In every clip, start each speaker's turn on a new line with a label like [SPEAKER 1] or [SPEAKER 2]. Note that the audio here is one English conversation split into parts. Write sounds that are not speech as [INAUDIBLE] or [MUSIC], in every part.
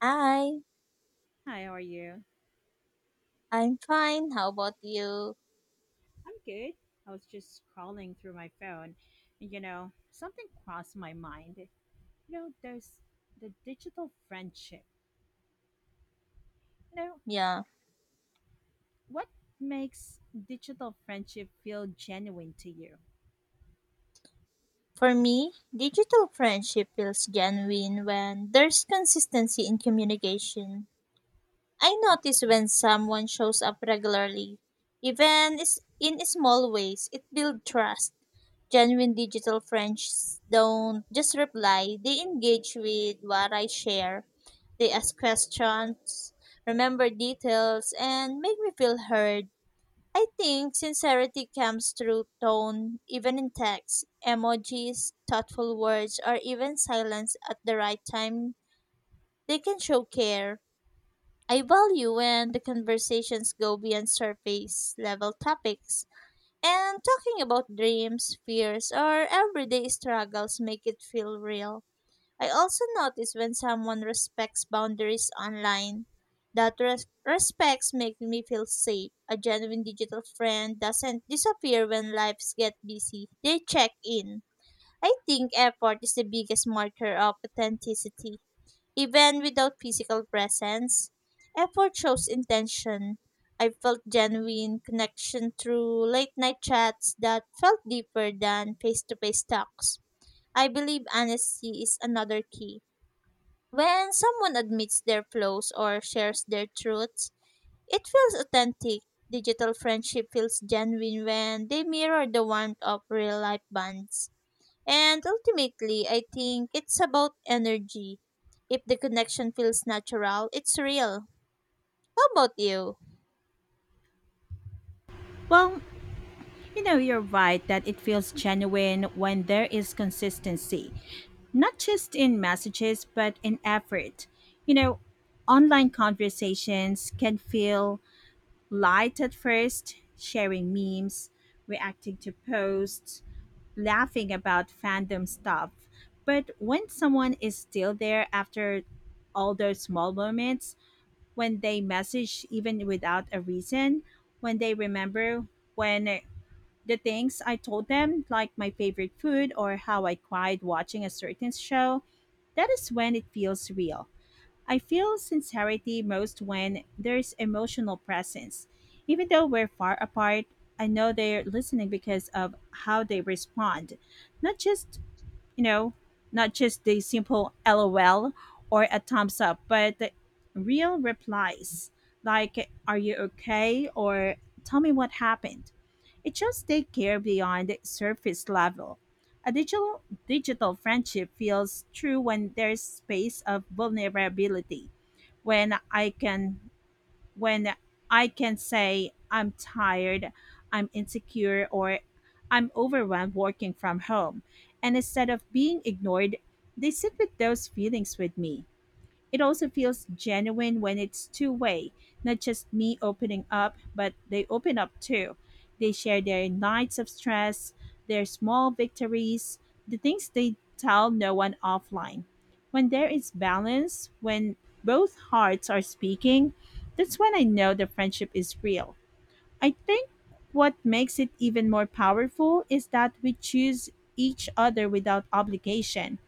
[SPEAKER 1] Hi,
[SPEAKER 2] Hi, how are you?
[SPEAKER 1] I'm fine. How about you?
[SPEAKER 2] I'm good. I was just scrolling through my phone, and something crossed my mind. There's the digital friendship. You know,
[SPEAKER 1] Yeah,
[SPEAKER 2] what makes digital friendship feel genuine to you?
[SPEAKER 1] for me, digital friendship feels genuine when there's consistency in communication. I notice when someone shows up regularly, even in small ways, it builds trust. Genuine digital friends don't just reply, they engage with what I share. They ask questions, remember details, and make me feel heard. I think sincerity comes through tone, even in text, emojis, thoughtful words, or even silence at the right time. They can show care. I value when the conversations go beyond surface level topics. And talking about dreams, fears, or everyday struggles make it feel real. I also notice when someone respects boundaries online, respects make me feel safe. A genuine digital friend doesn't disappear when lives get busy. They check in. I think effort is the biggest marker of authenticity. Even without physical presence, effort shows intention. I felt genuine connection through late night chats that felt deeper than face to face talks. I believe honesty is another key. When someone admits their flaws or shares their truths, it feels authentic. Digital friendship feels genuine when they mirror the warmth of real life bonds. And ultimately, I think it's about energy. If the connection feels natural, it's real. How about you?
[SPEAKER 2] Well, you're right that it feels genuine when there is consistency, not just in messages, but in effort. You know, Online conversations can feel light at first, sharing memes, reacting to posts, laughing about fandom stuff. But when someone is still there after all those small moments, when they message even without a reason, when they remember when the things I told them, like my favorite food or how I cried watching a certain show, that is when it feels real. I feel sincerity most when there's emotional presence. Even though we're far apart, I know they're listening because of how they respond, not just you know, not just the simple LOL or a thumbs up, but the real replies like, "Are you okay?" or "Tell me what happened." It shows they care beyond the surface level. A digital friendship feels true when there's space of vulnerability, when I can when I can say I'm tired, I'm insecure, or I'm overwhelmed working from home. And instead of being ignored, they sit with those feelings with me. It also feels genuine when it's two-way, not just me opening up, but they open up too. They share their nights of stress, their small victories, the things they tell no one offline. When there is balance, when both hearts are speaking, that's when I know the friendship is real. I think what makes it even more powerful is that we choose each other without obligation.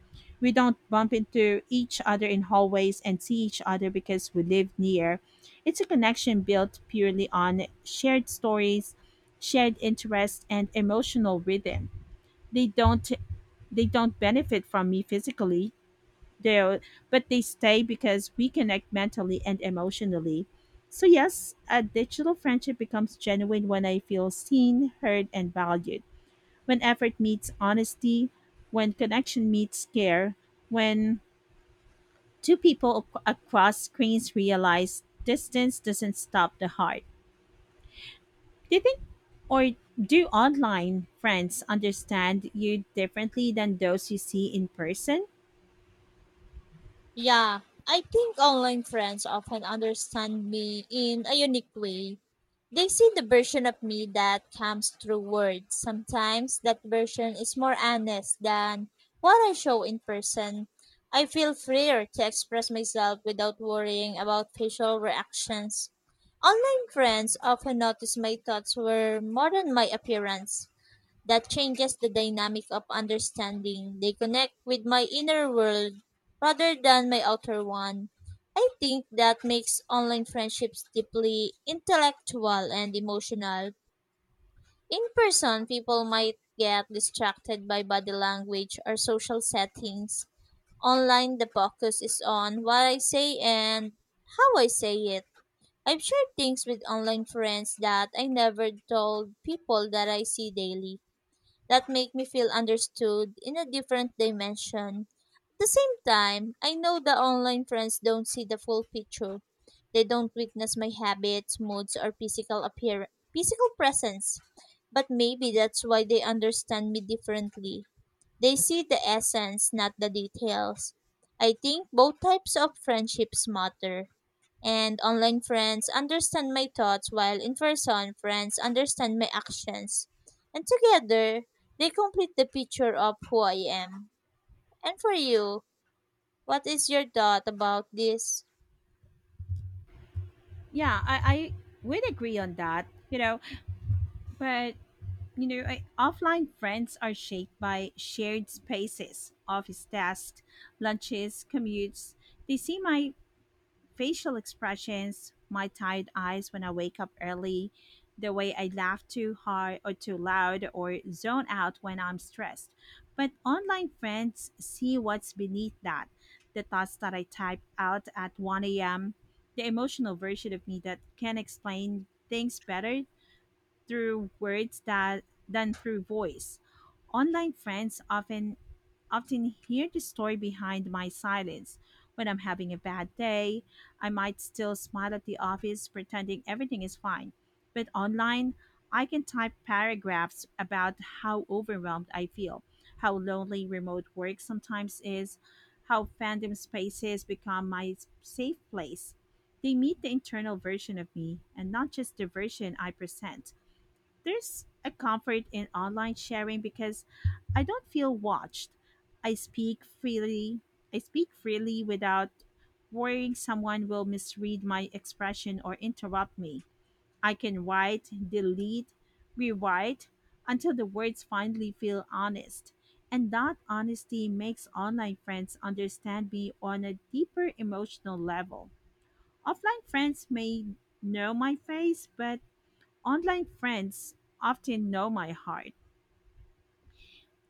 [SPEAKER 2] We don't bump into each other in hallways and see each other because we live near. It's a connection built purely on shared stories, shared interests and emotional rhythm. They don't they don't benefit from me physically, they but they stay because we connect mentally and emotionally. So yes, a digital friendship becomes genuine when I feel seen, heard, and valued. When effort meets honesty, when connection meets care, when two people across screens realize distance doesn't stop the heart. Do you think or do online friends understand you differently than those you see in person?
[SPEAKER 1] Yeah, I think online friends often understand me in a unique way. They see the version of me that comes through words. Sometimes that version is more honest than what I show in person. I feel freer to express myself without worrying about facial reactions. Online friends often notice my thoughts were more than my appearance. That changes the dynamic of understanding. They connect with my inner world rather than my outer one. I think that makes online friendships deeply intellectual and emotional. In person, people might get distracted by body language or social settings. Online, the focus is on what I say and how I say it. I've shared things with online friends that I never told people that I see daily that make me feel understood in a different dimension. At the same time, I know the online friends don't see the full picture. They don't witness my habits, moods, or physical presence. But maybe that's why they understand me differently. They see the essence, not the details. I think both types of friendships matter, and online friends understand my thoughts while in person friends understand my actions. And together, they complete the picture of who I am. And for you, what is your thought about this?
[SPEAKER 2] Yeah, I would agree on that. But offline friends are shaped by shared spaces, office desks, lunches, commutes. They see my facial expressions, my tired eyes when I wake up early, the way I laugh too hard or too loud or zone out when I'm stressed. But online friends see what's beneath that: the thoughts that I type out at 1 a.m., the emotional version of me that can explain things better through words that than through voice. Online friends often hear the story behind my silence. When I'm having a bad day, I might still smile at the office pretending everything is fine. But online, I can type paragraphs about how overwhelmed I feel, how lonely remote work sometimes is, how fandom spaces become my safe place. They meet the internal version of me and not just the version I present. There's a comfort in online sharing because I don't feel watched. I speak freely. I speak freely without worrying someone will misread my expression or interrupt me. I can write, delete, rewrite until the words finally feel honest. And that honesty makes online friends understand me on a deeper emotional level. Offline friends may know my face, but online friends often know my heart.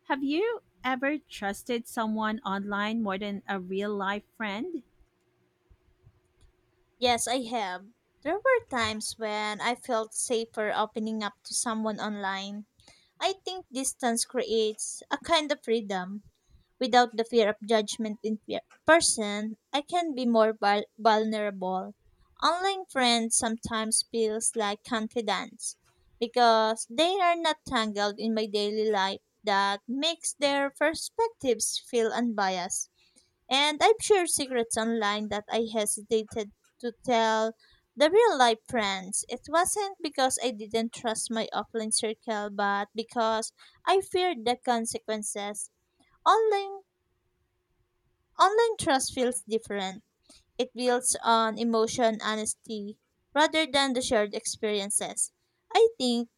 [SPEAKER 2] Have you ever trusted someone online more than a real life friend?
[SPEAKER 1] Yes, I have. There were times when I felt safer opening up to someone online. I think distance creates a kind of freedom without the fear of judgment. In fear. Person, I can be more vulnerable. Online friends sometimes feels like confidence because they are not tangled in my daily life. That makes their perspectives feel unbiased. And I've shared secrets online that I hesitated to tell the real life friends. It wasn't because I didn't trust my offline circle, but because I feared the consequences. Online Online trust feels different. It builds on emotion honesty rather than the shared experiences. I think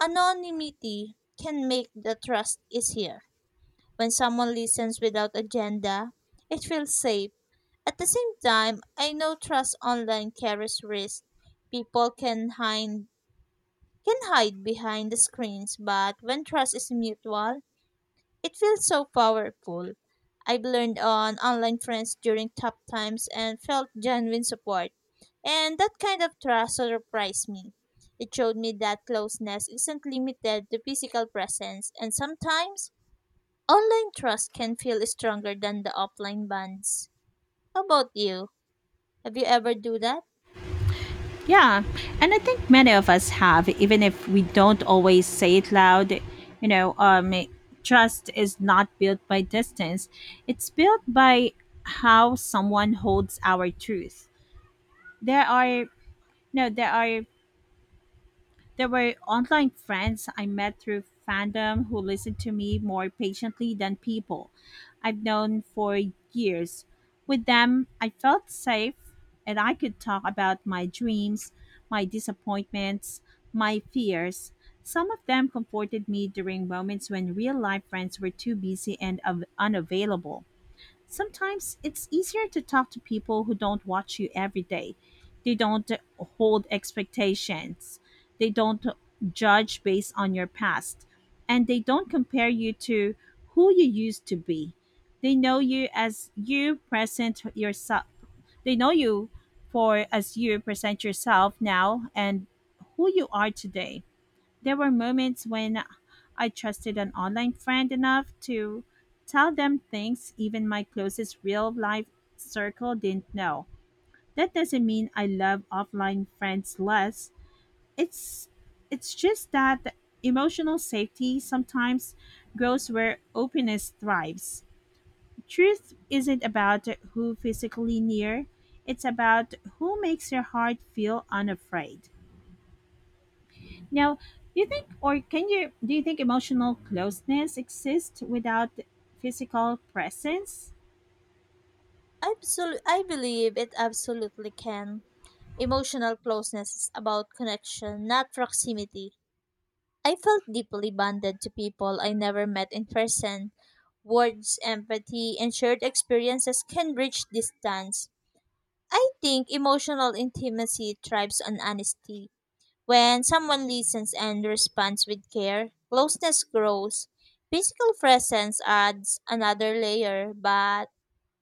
[SPEAKER 1] anonymity can make the trust easier. When someone listens without agenda, it feels safe. At the same time, I know trust online carries risk. People can hide behind the screens, but when trust is mutual, it feels so powerful. I've learned on online friends during tough times and felt genuine support. And that kind of trust surprised me. It showed me that closeness isn't limited to physical presence, and sometimes online trust can feel stronger than the offline bonds. How about you? Have you ever do that?
[SPEAKER 2] Yeah, and I think many of us have, even if we don't always say it loud. You know, um, Trust is not built by distance, it's built by how someone holds our truth. There are, no, there were online friends I met through fandom who listened to me more patiently than people I've known for years. With them, I felt safe and I could talk about my dreams, my disappointments, my fears. Some of them comforted me during moments when real life friends were too busy and unavailable. Sometimes it's easier to talk to people who don't watch you every day. They don't hold expectations. They don't judge based on your past. And they don't compare you to who you used to be. They know you as you present yourself. They know you for as you present yourself now and who you are today. There were moments when I trusted an online friend enough to tell them things even my closest real life circle didn't know. That doesn't mean I love offline friends less. It's it's just that emotional safety sometimes grows where openness thrives. Truth isn't about who physically near, it's about who makes your heart feel unafraid. Now, do you think or can you do you think emotional closeness exists without physical presence?
[SPEAKER 1] I believe it absolutely can. Emotional closeness is about connection, not proximity. I felt deeply bonded to people I never met in person. Words, empathy, and shared experiences can bridge distance. I think emotional intimacy thrives on honesty. When someone listens and responds with care, closeness grows. Physical presence adds another layer, but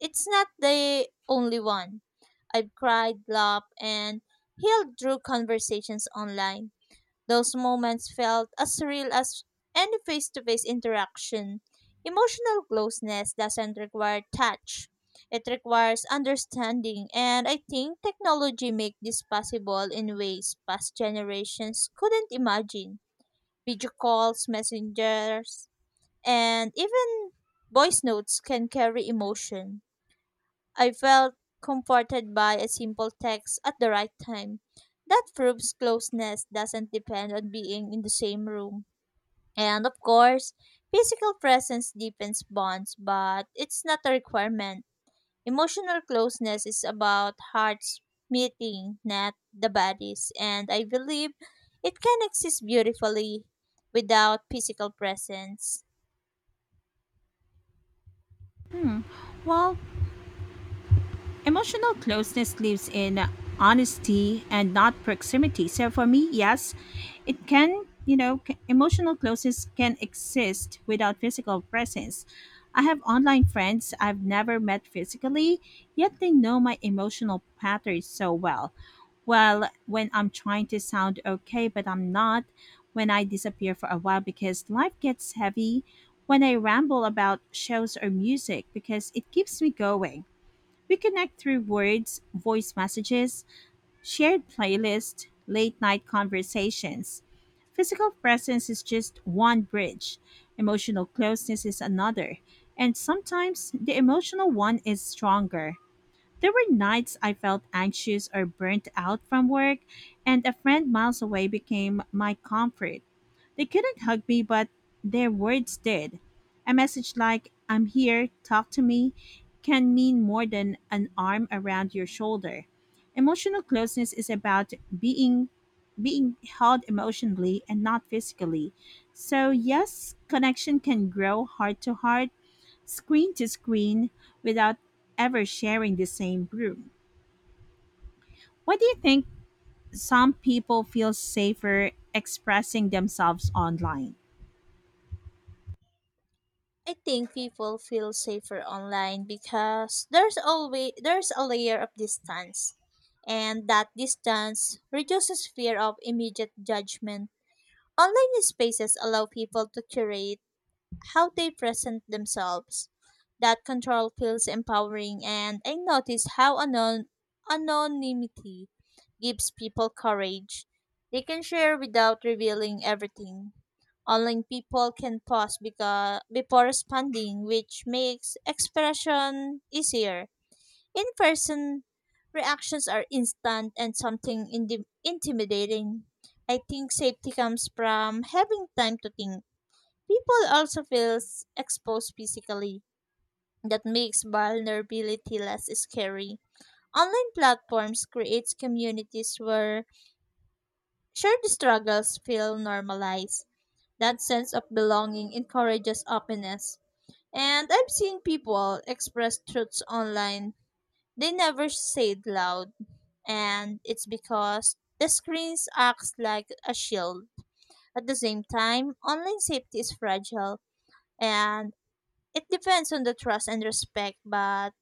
[SPEAKER 1] it's not the only one. I've cried, laughed, and healed through conversations online. Those moments felt as real as any face to face interaction. Emotional closeness doesn't require touch, it requires understanding, and I think technology makes this possible in ways past generations couldn't imagine. Video calls, messengers, and even voice notes can carry emotion. I felt comforted by a simple text at the right time. That proves closeness doesn't depend on being in the same room. And of course, physical presence deepens bonds, but it's not a requirement. Emotional closeness is about hearts meeting, not the bodies, and I believe it can exist beautifully without physical presence.
[SPEAKER 2] Well, emotional closeness lives in honesty and not proximity. So for me, yes, it can, emotional closeness can exist without physical presence. I have online friends I've never met physically, yet they know my emotional patterns so well. Well, when I'm trying to sound okay, but I'm not, when I disappear for a while because life gets heavy, when I ramble about shows or music because it keeps me going, we connect through words, voice messages, shared playlists, late night conversations. Physical presence is just one bridge, emotional closeness is another, and sometimes the emotional one is stronger. There were nights I felt anxious or burnt out from work, and a friend miles away became my comfort. They couldn't hug me, but their words did. A message like, "I'm here, talk to me," can mean more than an arm around your shoulder. Emotional closeness is about being held emotionally and not physically. So yes, connection can grow heart to heart, screen to screen without ever sharing the same room. Why do you think some people feel safer expressing themselves online?
[SPEAKER 1] I think people feel safer online because there's a layer of distance, and that distance reduces fear of immediate judgment. Online spaces allow people to curate how they present themselves. That control feels empowering, and I notice how anonymity gives people courage. They can share without revealing everything. Online, people can pause because, before responding, which makes expression easier. In person, reactions are instant and intimidating. I think safety comes from having time to think. People also feel exposed physically. That makes vulnerability less scary. Online platforms create communities where shared struggles feel normalized. That sense of belonging encourages openness. And I've seen people express truths online they never said loud, and it's because the screens acts like a shield. At the same time, online safety is fragile, and it depends on the trust and respect, but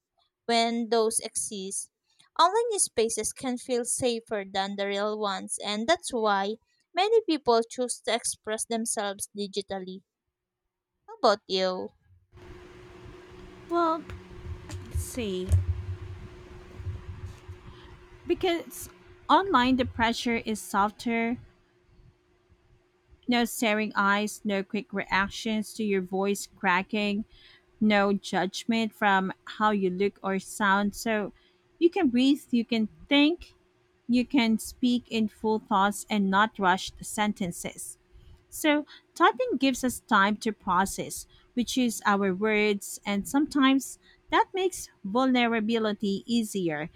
[SPEAKER 1] when those exist, online spaces can feel safer than the real ones, and that's why many people choose to express themselves digitally. How about you?
[SPEAKER 2] Well, let's see, because online the pressure is softer. No staring eyes, no quick reactions to your voice cracking, no judgment from how you look or sound. So you can breathe, you can think, you can speak in full thoughts and not rushed sentences. So, typing gives us time to process. We choose our words, and sometimes that makes vulnerability easier.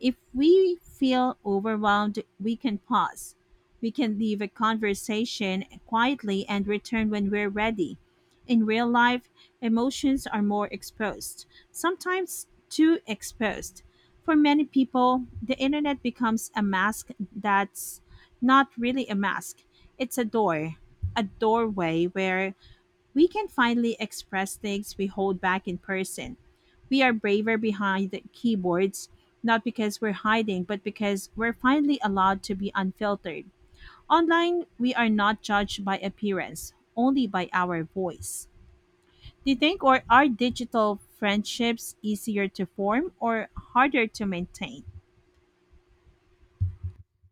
[SPEAKER 2] If we feel overwhelmed, we can pause. We can leave a conversation quietly and return when we're ready. In real life, emotions are more exposed, sometimes too exposed. For many people, the internet becomes a mask that's not really a mask, it's a doorway where we can finally express things we hold back in person. We are braver behind the keyboards, not because we're hiding, but because we're finally allowed to be unfiltered. Online, we are not judged by appearance, only by our voice. Do you think or are digital friendships easier to form or harder to maintain?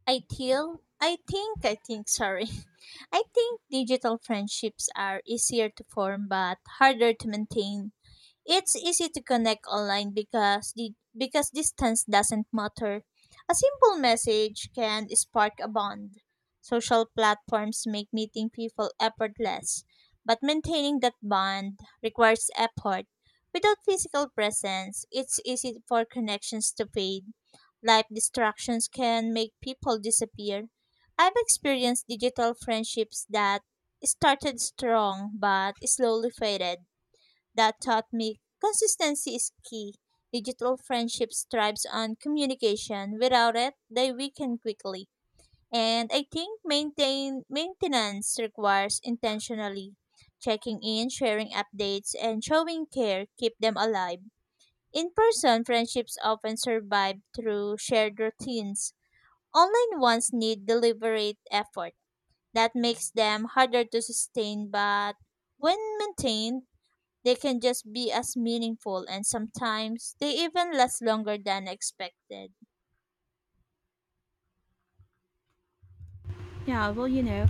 [SPEAKER 1] I feel, I think, sorry. [LAUGHS] I think digital friendships are easier to form but harder to maintain. It's easy to connect online because distance doesn't matter. A simple message can spark a bond. Social platforms make meeting people effortless, but maintaining that bond requires effort. Without physical presence, it's easy for connections to fade. Life distractions can make people disappear. I've experienced digital friendships that started strong but slowly faded. That taught me consistency is key. Digital friendships thrives on communication. Without it, they weaken quickly. And I think maintain maintenance requires intentionally checking in, sharing updates, and showing care keep them alive. In person, friendships often survive through shared routines. Online ones need deliberate effort. That makes them harder to sustain, but when maintained, they can just be as meaningful and sometimes they even last longer than expected.
[SPEAKER 2] Yeah, well,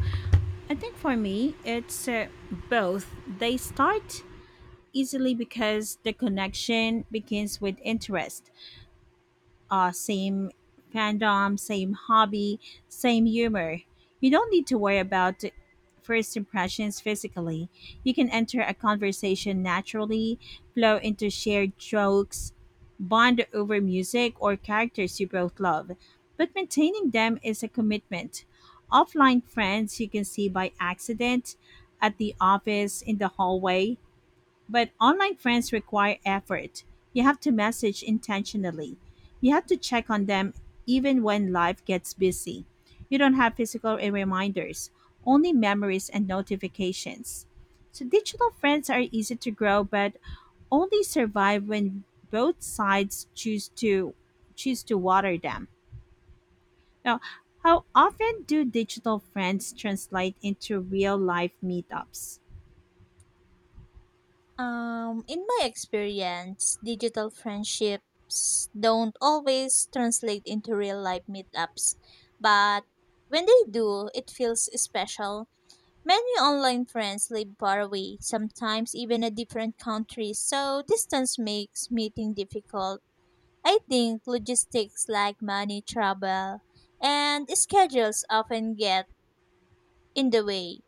[SPEAKER 2] I think for me, it's both. They start easily because the connection begins with interest, same fandom, same hobby, same humor. You don't need to worry about first impressions physically. You can enter a conversation naturally, flow into shared jokes, bond over music or characters you both love. But maintaining them is a commitment. Offline friends you can see by accident, at the office, in the hallway, but online friends require effort. You have to message intentionally. You have to check on them even when life gets busy. You don't have physical reminders, only memories and notifications. So digital friends are easy to grow but only survive when both sides choose to water them. Now, how often do digital friends translate into real life meetups?
[SPEAKER 1] In my experience, digital friendships don't always translate into real life meetups, but when they do, it feels special. Many online friends live far away, sometimes even a different country, so distance makes meeting difficult. I think logistics like money, travel, and schedules often get in the way.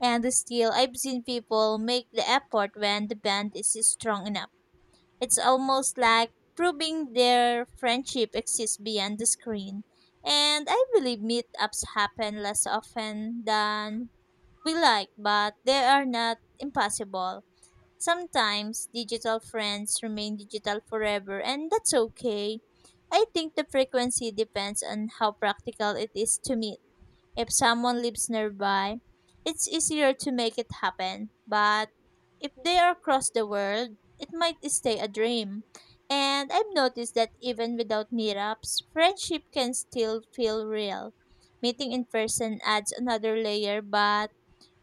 [SPEAKER 1] And still, I've seen people make the effort when the band is strong enough. It's almost like proving their friendship exists beyond the screen. And I believe meetups happen less often than we like, but they are not impossible. Sometimes digital friends remain digital forever, and that's okay. I think the frequency depends on how practical it is to meet. If someone lives nearby, it's easier to make it happen, but if they are across the world, it might stay a dream. And I've noticed that even without meetups, friendship can still feel real. Meeting in person adds another layer, but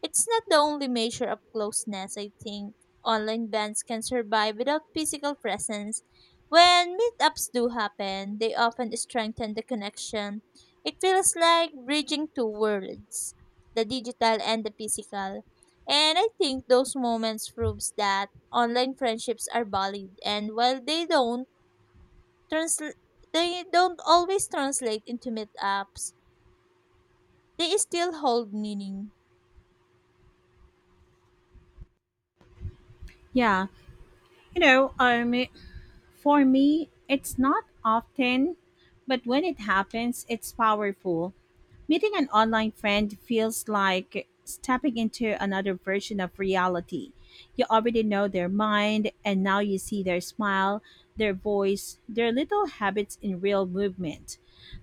[SPEAKER 1] it's not the only measure of closeness, I think. Online bands can survive without physical presence. When meetups do happen, they often strengthen the connection. It feels like bridging two worlds, the digital and the physical. And I think those moments proves that online friendships are valid, and while transl- they don't always translate into meetups, they still hold meaning.
[SPEAKER 2] Yeah, you know, um, For me, it's not often, but when it happens, it's powerful. Meeting an online friend feels like stepping into another version of reality. You already know their mind, and now you see their smile, their voice, their little habits in real movement.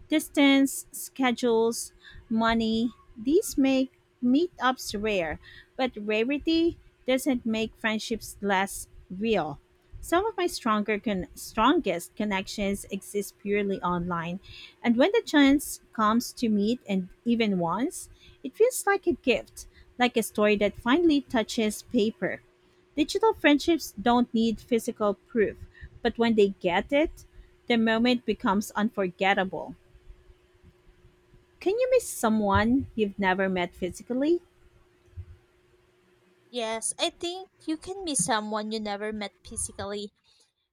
[SPEAKER 2] Distance, schedules, money, these make meetups rare, but rarity doesn't make friendships less real. Some of my strongest connections exist purely online, and when the chance comes to meet and even once, it feels like a gift, like a story that finally touches paper. Digital friendships don't need physical proof, but when they get it, the moment becomes unforgettable. Can you miss someone you've never met physically?
[SPEAKER 1] Yes, I think you can miss someone you never met physically.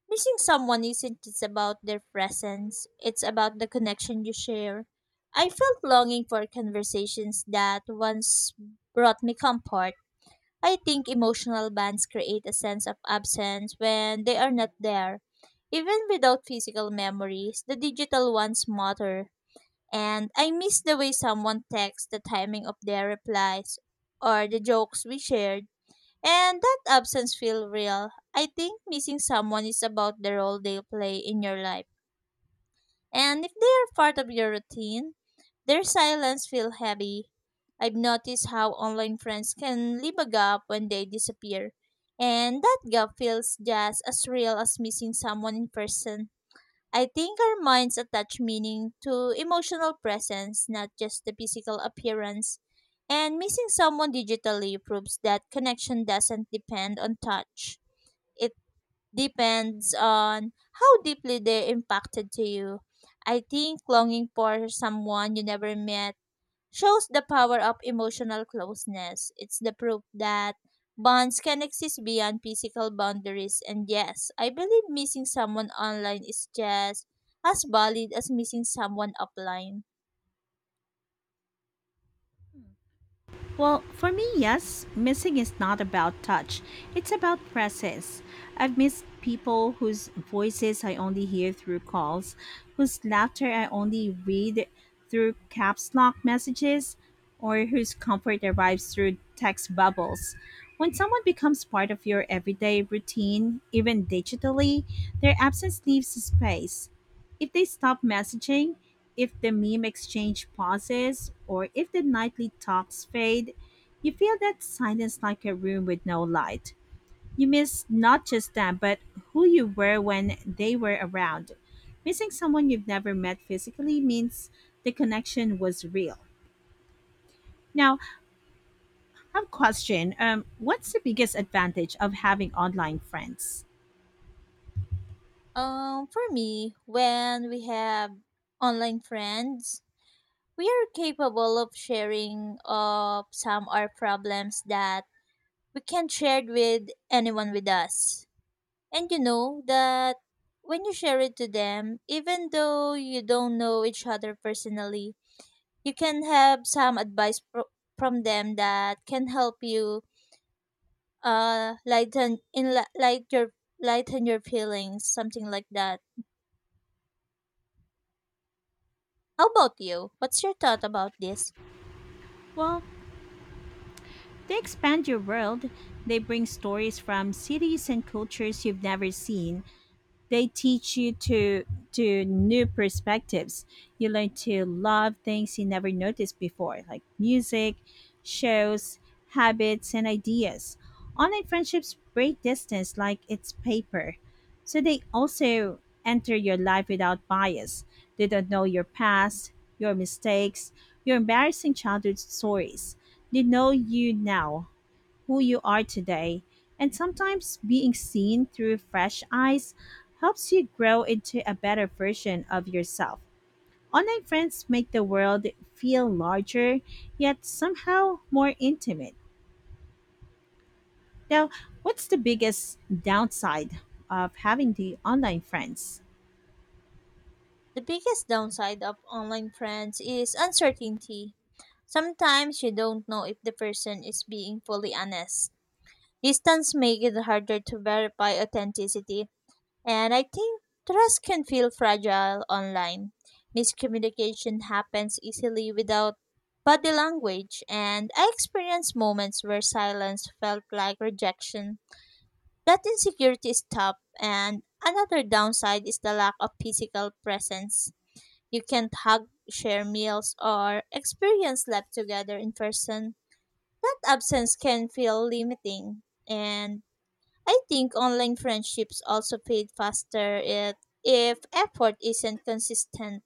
[SPEAKER 1] Missing someone isn't just about their presence, it's about the connection you share. I felt longing for conversations that once brought me comfort. I think emotional bonds create a sense of absence when they are not there. Even without physical memories, the digital ones matter. And I miss the way someone texts, the timing of their replies, or the jokes we shared. And that absence feel real. I think missing someone is about the role they play in your life. And if they are part of your routine, their silence feel heavy. I've noticed how online friends can leave a gap when they disappear. And that gap feels just as real as missing someone in person. I think our minds attach meaning to emotional presence, not just the physical appearance. And missing someone digitally proves that connection doesn't depend on touch. It depends on how deeply they impacted to you. I think longing for someone you never met shows the power of emotional closeness. It's the proof that bonds can exist beyond physical boundaries. And yes, I believe missing someone online is just as valid as missing someone offline.
[SPEAKER 2] Well, for me, yes. Missing is not about touch, it's about presence. I've missed people whose voices I only hear through calls, whose laughter I only read through caps lock messages, or whose comfort arrives through text bubbles. When someone becomes part of your everyday routine, even digitally, their absence leaves space. If they stop messaging, if the meme exchange pauses, or if the nightly talks fade, you feel that silence like a room with no light. You miss not just them, but who you were when they were around. Missing someone you've never met physically means the connection was real. Now, I have a question. What's the biggest advantage of having online friends?
[SPEAKER 1] For me, when we have online friends, we are capable of sharing of some our problems that we can't share with anyone with us. And you know that when you share it to them, even though you don't know each other personally, you can have from them that can help you uh lighten in light your lighten your feelings, something like that. How about you? What's your thought about this?
[SPEAKER 2] Well, they expand your world. They bring stories from cities and cultures you've never seen. They teach you to new perspectives. You learn to love things you never noticed before, like music, shows, habits, and ideas. Online friendships break distance like it's paper. So they also enter your life without bias. They don't know your past, your mistakes, your embarrassing childhood stories. They know you now, who you are today. And sometimes being seen through fresh eyes helps you grow into a better version of yourself. Online friends make the world feel larger, yet somehow more intimate. Now, what's the biggest downside of having the online friends?
[SPEAKER 1] The biggest downside of online friends is uncertainty. Sometimes you don't know if the person is being fully honest. Distance makes it harder to verify authenticity. And I think trust can feel fragile online. Miscommunication happens easily without body language, and I experienced moments where silence felt like rejection. That insecurity is tough, and another downside is the lack of physical presence. You can't hug, share meals, or experience life together in person. That absence can feel limiting, and I think online friendships also fade faster if effort isn't consistent.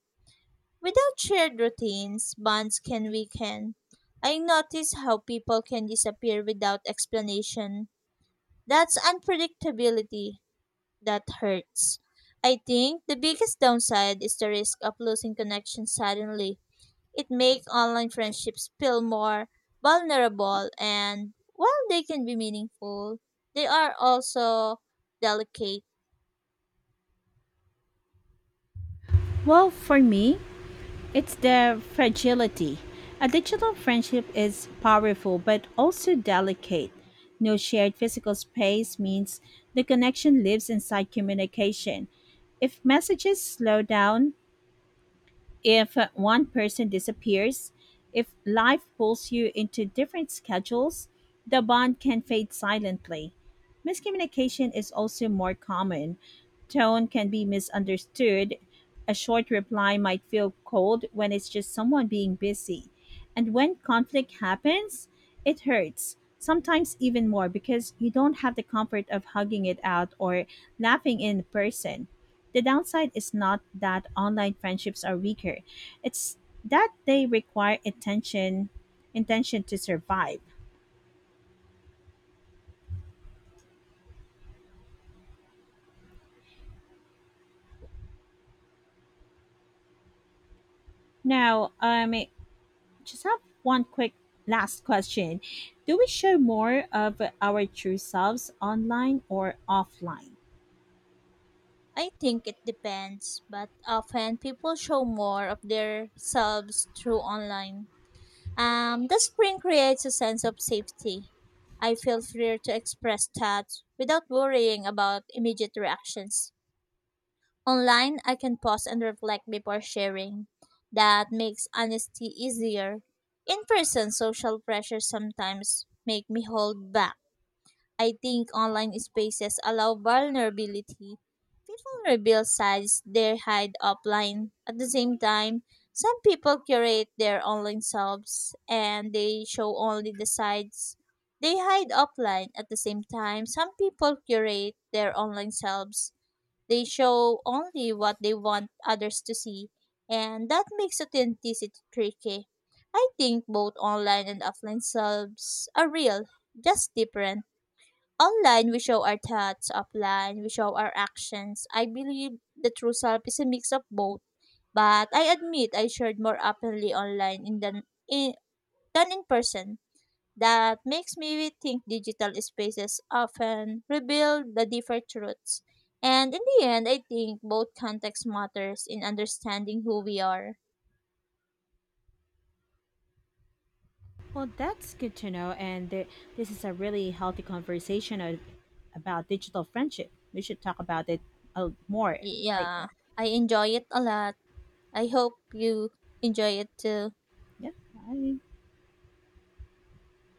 [SPEAKER 1] Without shared routines, bonds can weaken. I notice how people can disappear without explanation. That's unpredictability that hurts. I think the biggest downside is the risk of losing connection suddenly. It makes online friendships feel more vulnerable, and while they can be meaningful, they are also delicate.
[SPEAKER 2] Well, for me, it's the fragility. A digital friendship is powerful but also delicate. No shared physical space means the connection lives inside communication. If messages slow down, if one person disappears, if life pulls you into different schedules, the bond can fade silently. Miscommunication is also more common. Tone can be misunderstood. A short reply might feel cold when it's just someone being busy. And when conflict happens, it hurts, sometimes even more because you don't have the comfort of hugging it out or laughing in person. The downside is not that online friendships are weaker, it's that they require attention intention to survive. Now, just have one quick last question. Do we show more of our true selves online or offline?
[SPEAKER 1] I think it depends, but often people show more of their selves through online. The screen creates a sense of safety. I feel freer to express thoughts without worrying about immediate reactions. Online, I can pause and reflect before sharing. That makes honesty easier. In person, social pressure sometimes make me hold back. I think online spaces allow vulnerability. People reveal sides they hide offline. At the same time, some people curate their online selves and they show only the sides they hide offline. At the same time, some people curate their online selves, they show only what they want others to see, and that makes authenticity tricky. I think both online and offline selves are real, just different. Online, we show our thoughts, offline, we show our actions. I believe the true self is a mix of both, but I admit I shared more openly online in, than in person. That makes me think digital spaces often reveal the different truths. And in the end, I think both context matters in understanding who we are.
[SPEAKER 2] Well, that's good to know. And this is a really healthy conversation about digital friendship. We should talk about it more
[SPEAKER 1] Yeah,
[SPEAKER 2] later.
[SPEAKER 1] I enjoy it a lot. I hope you enjoy it too.
[SPEAKER 2] Yeah. Bye.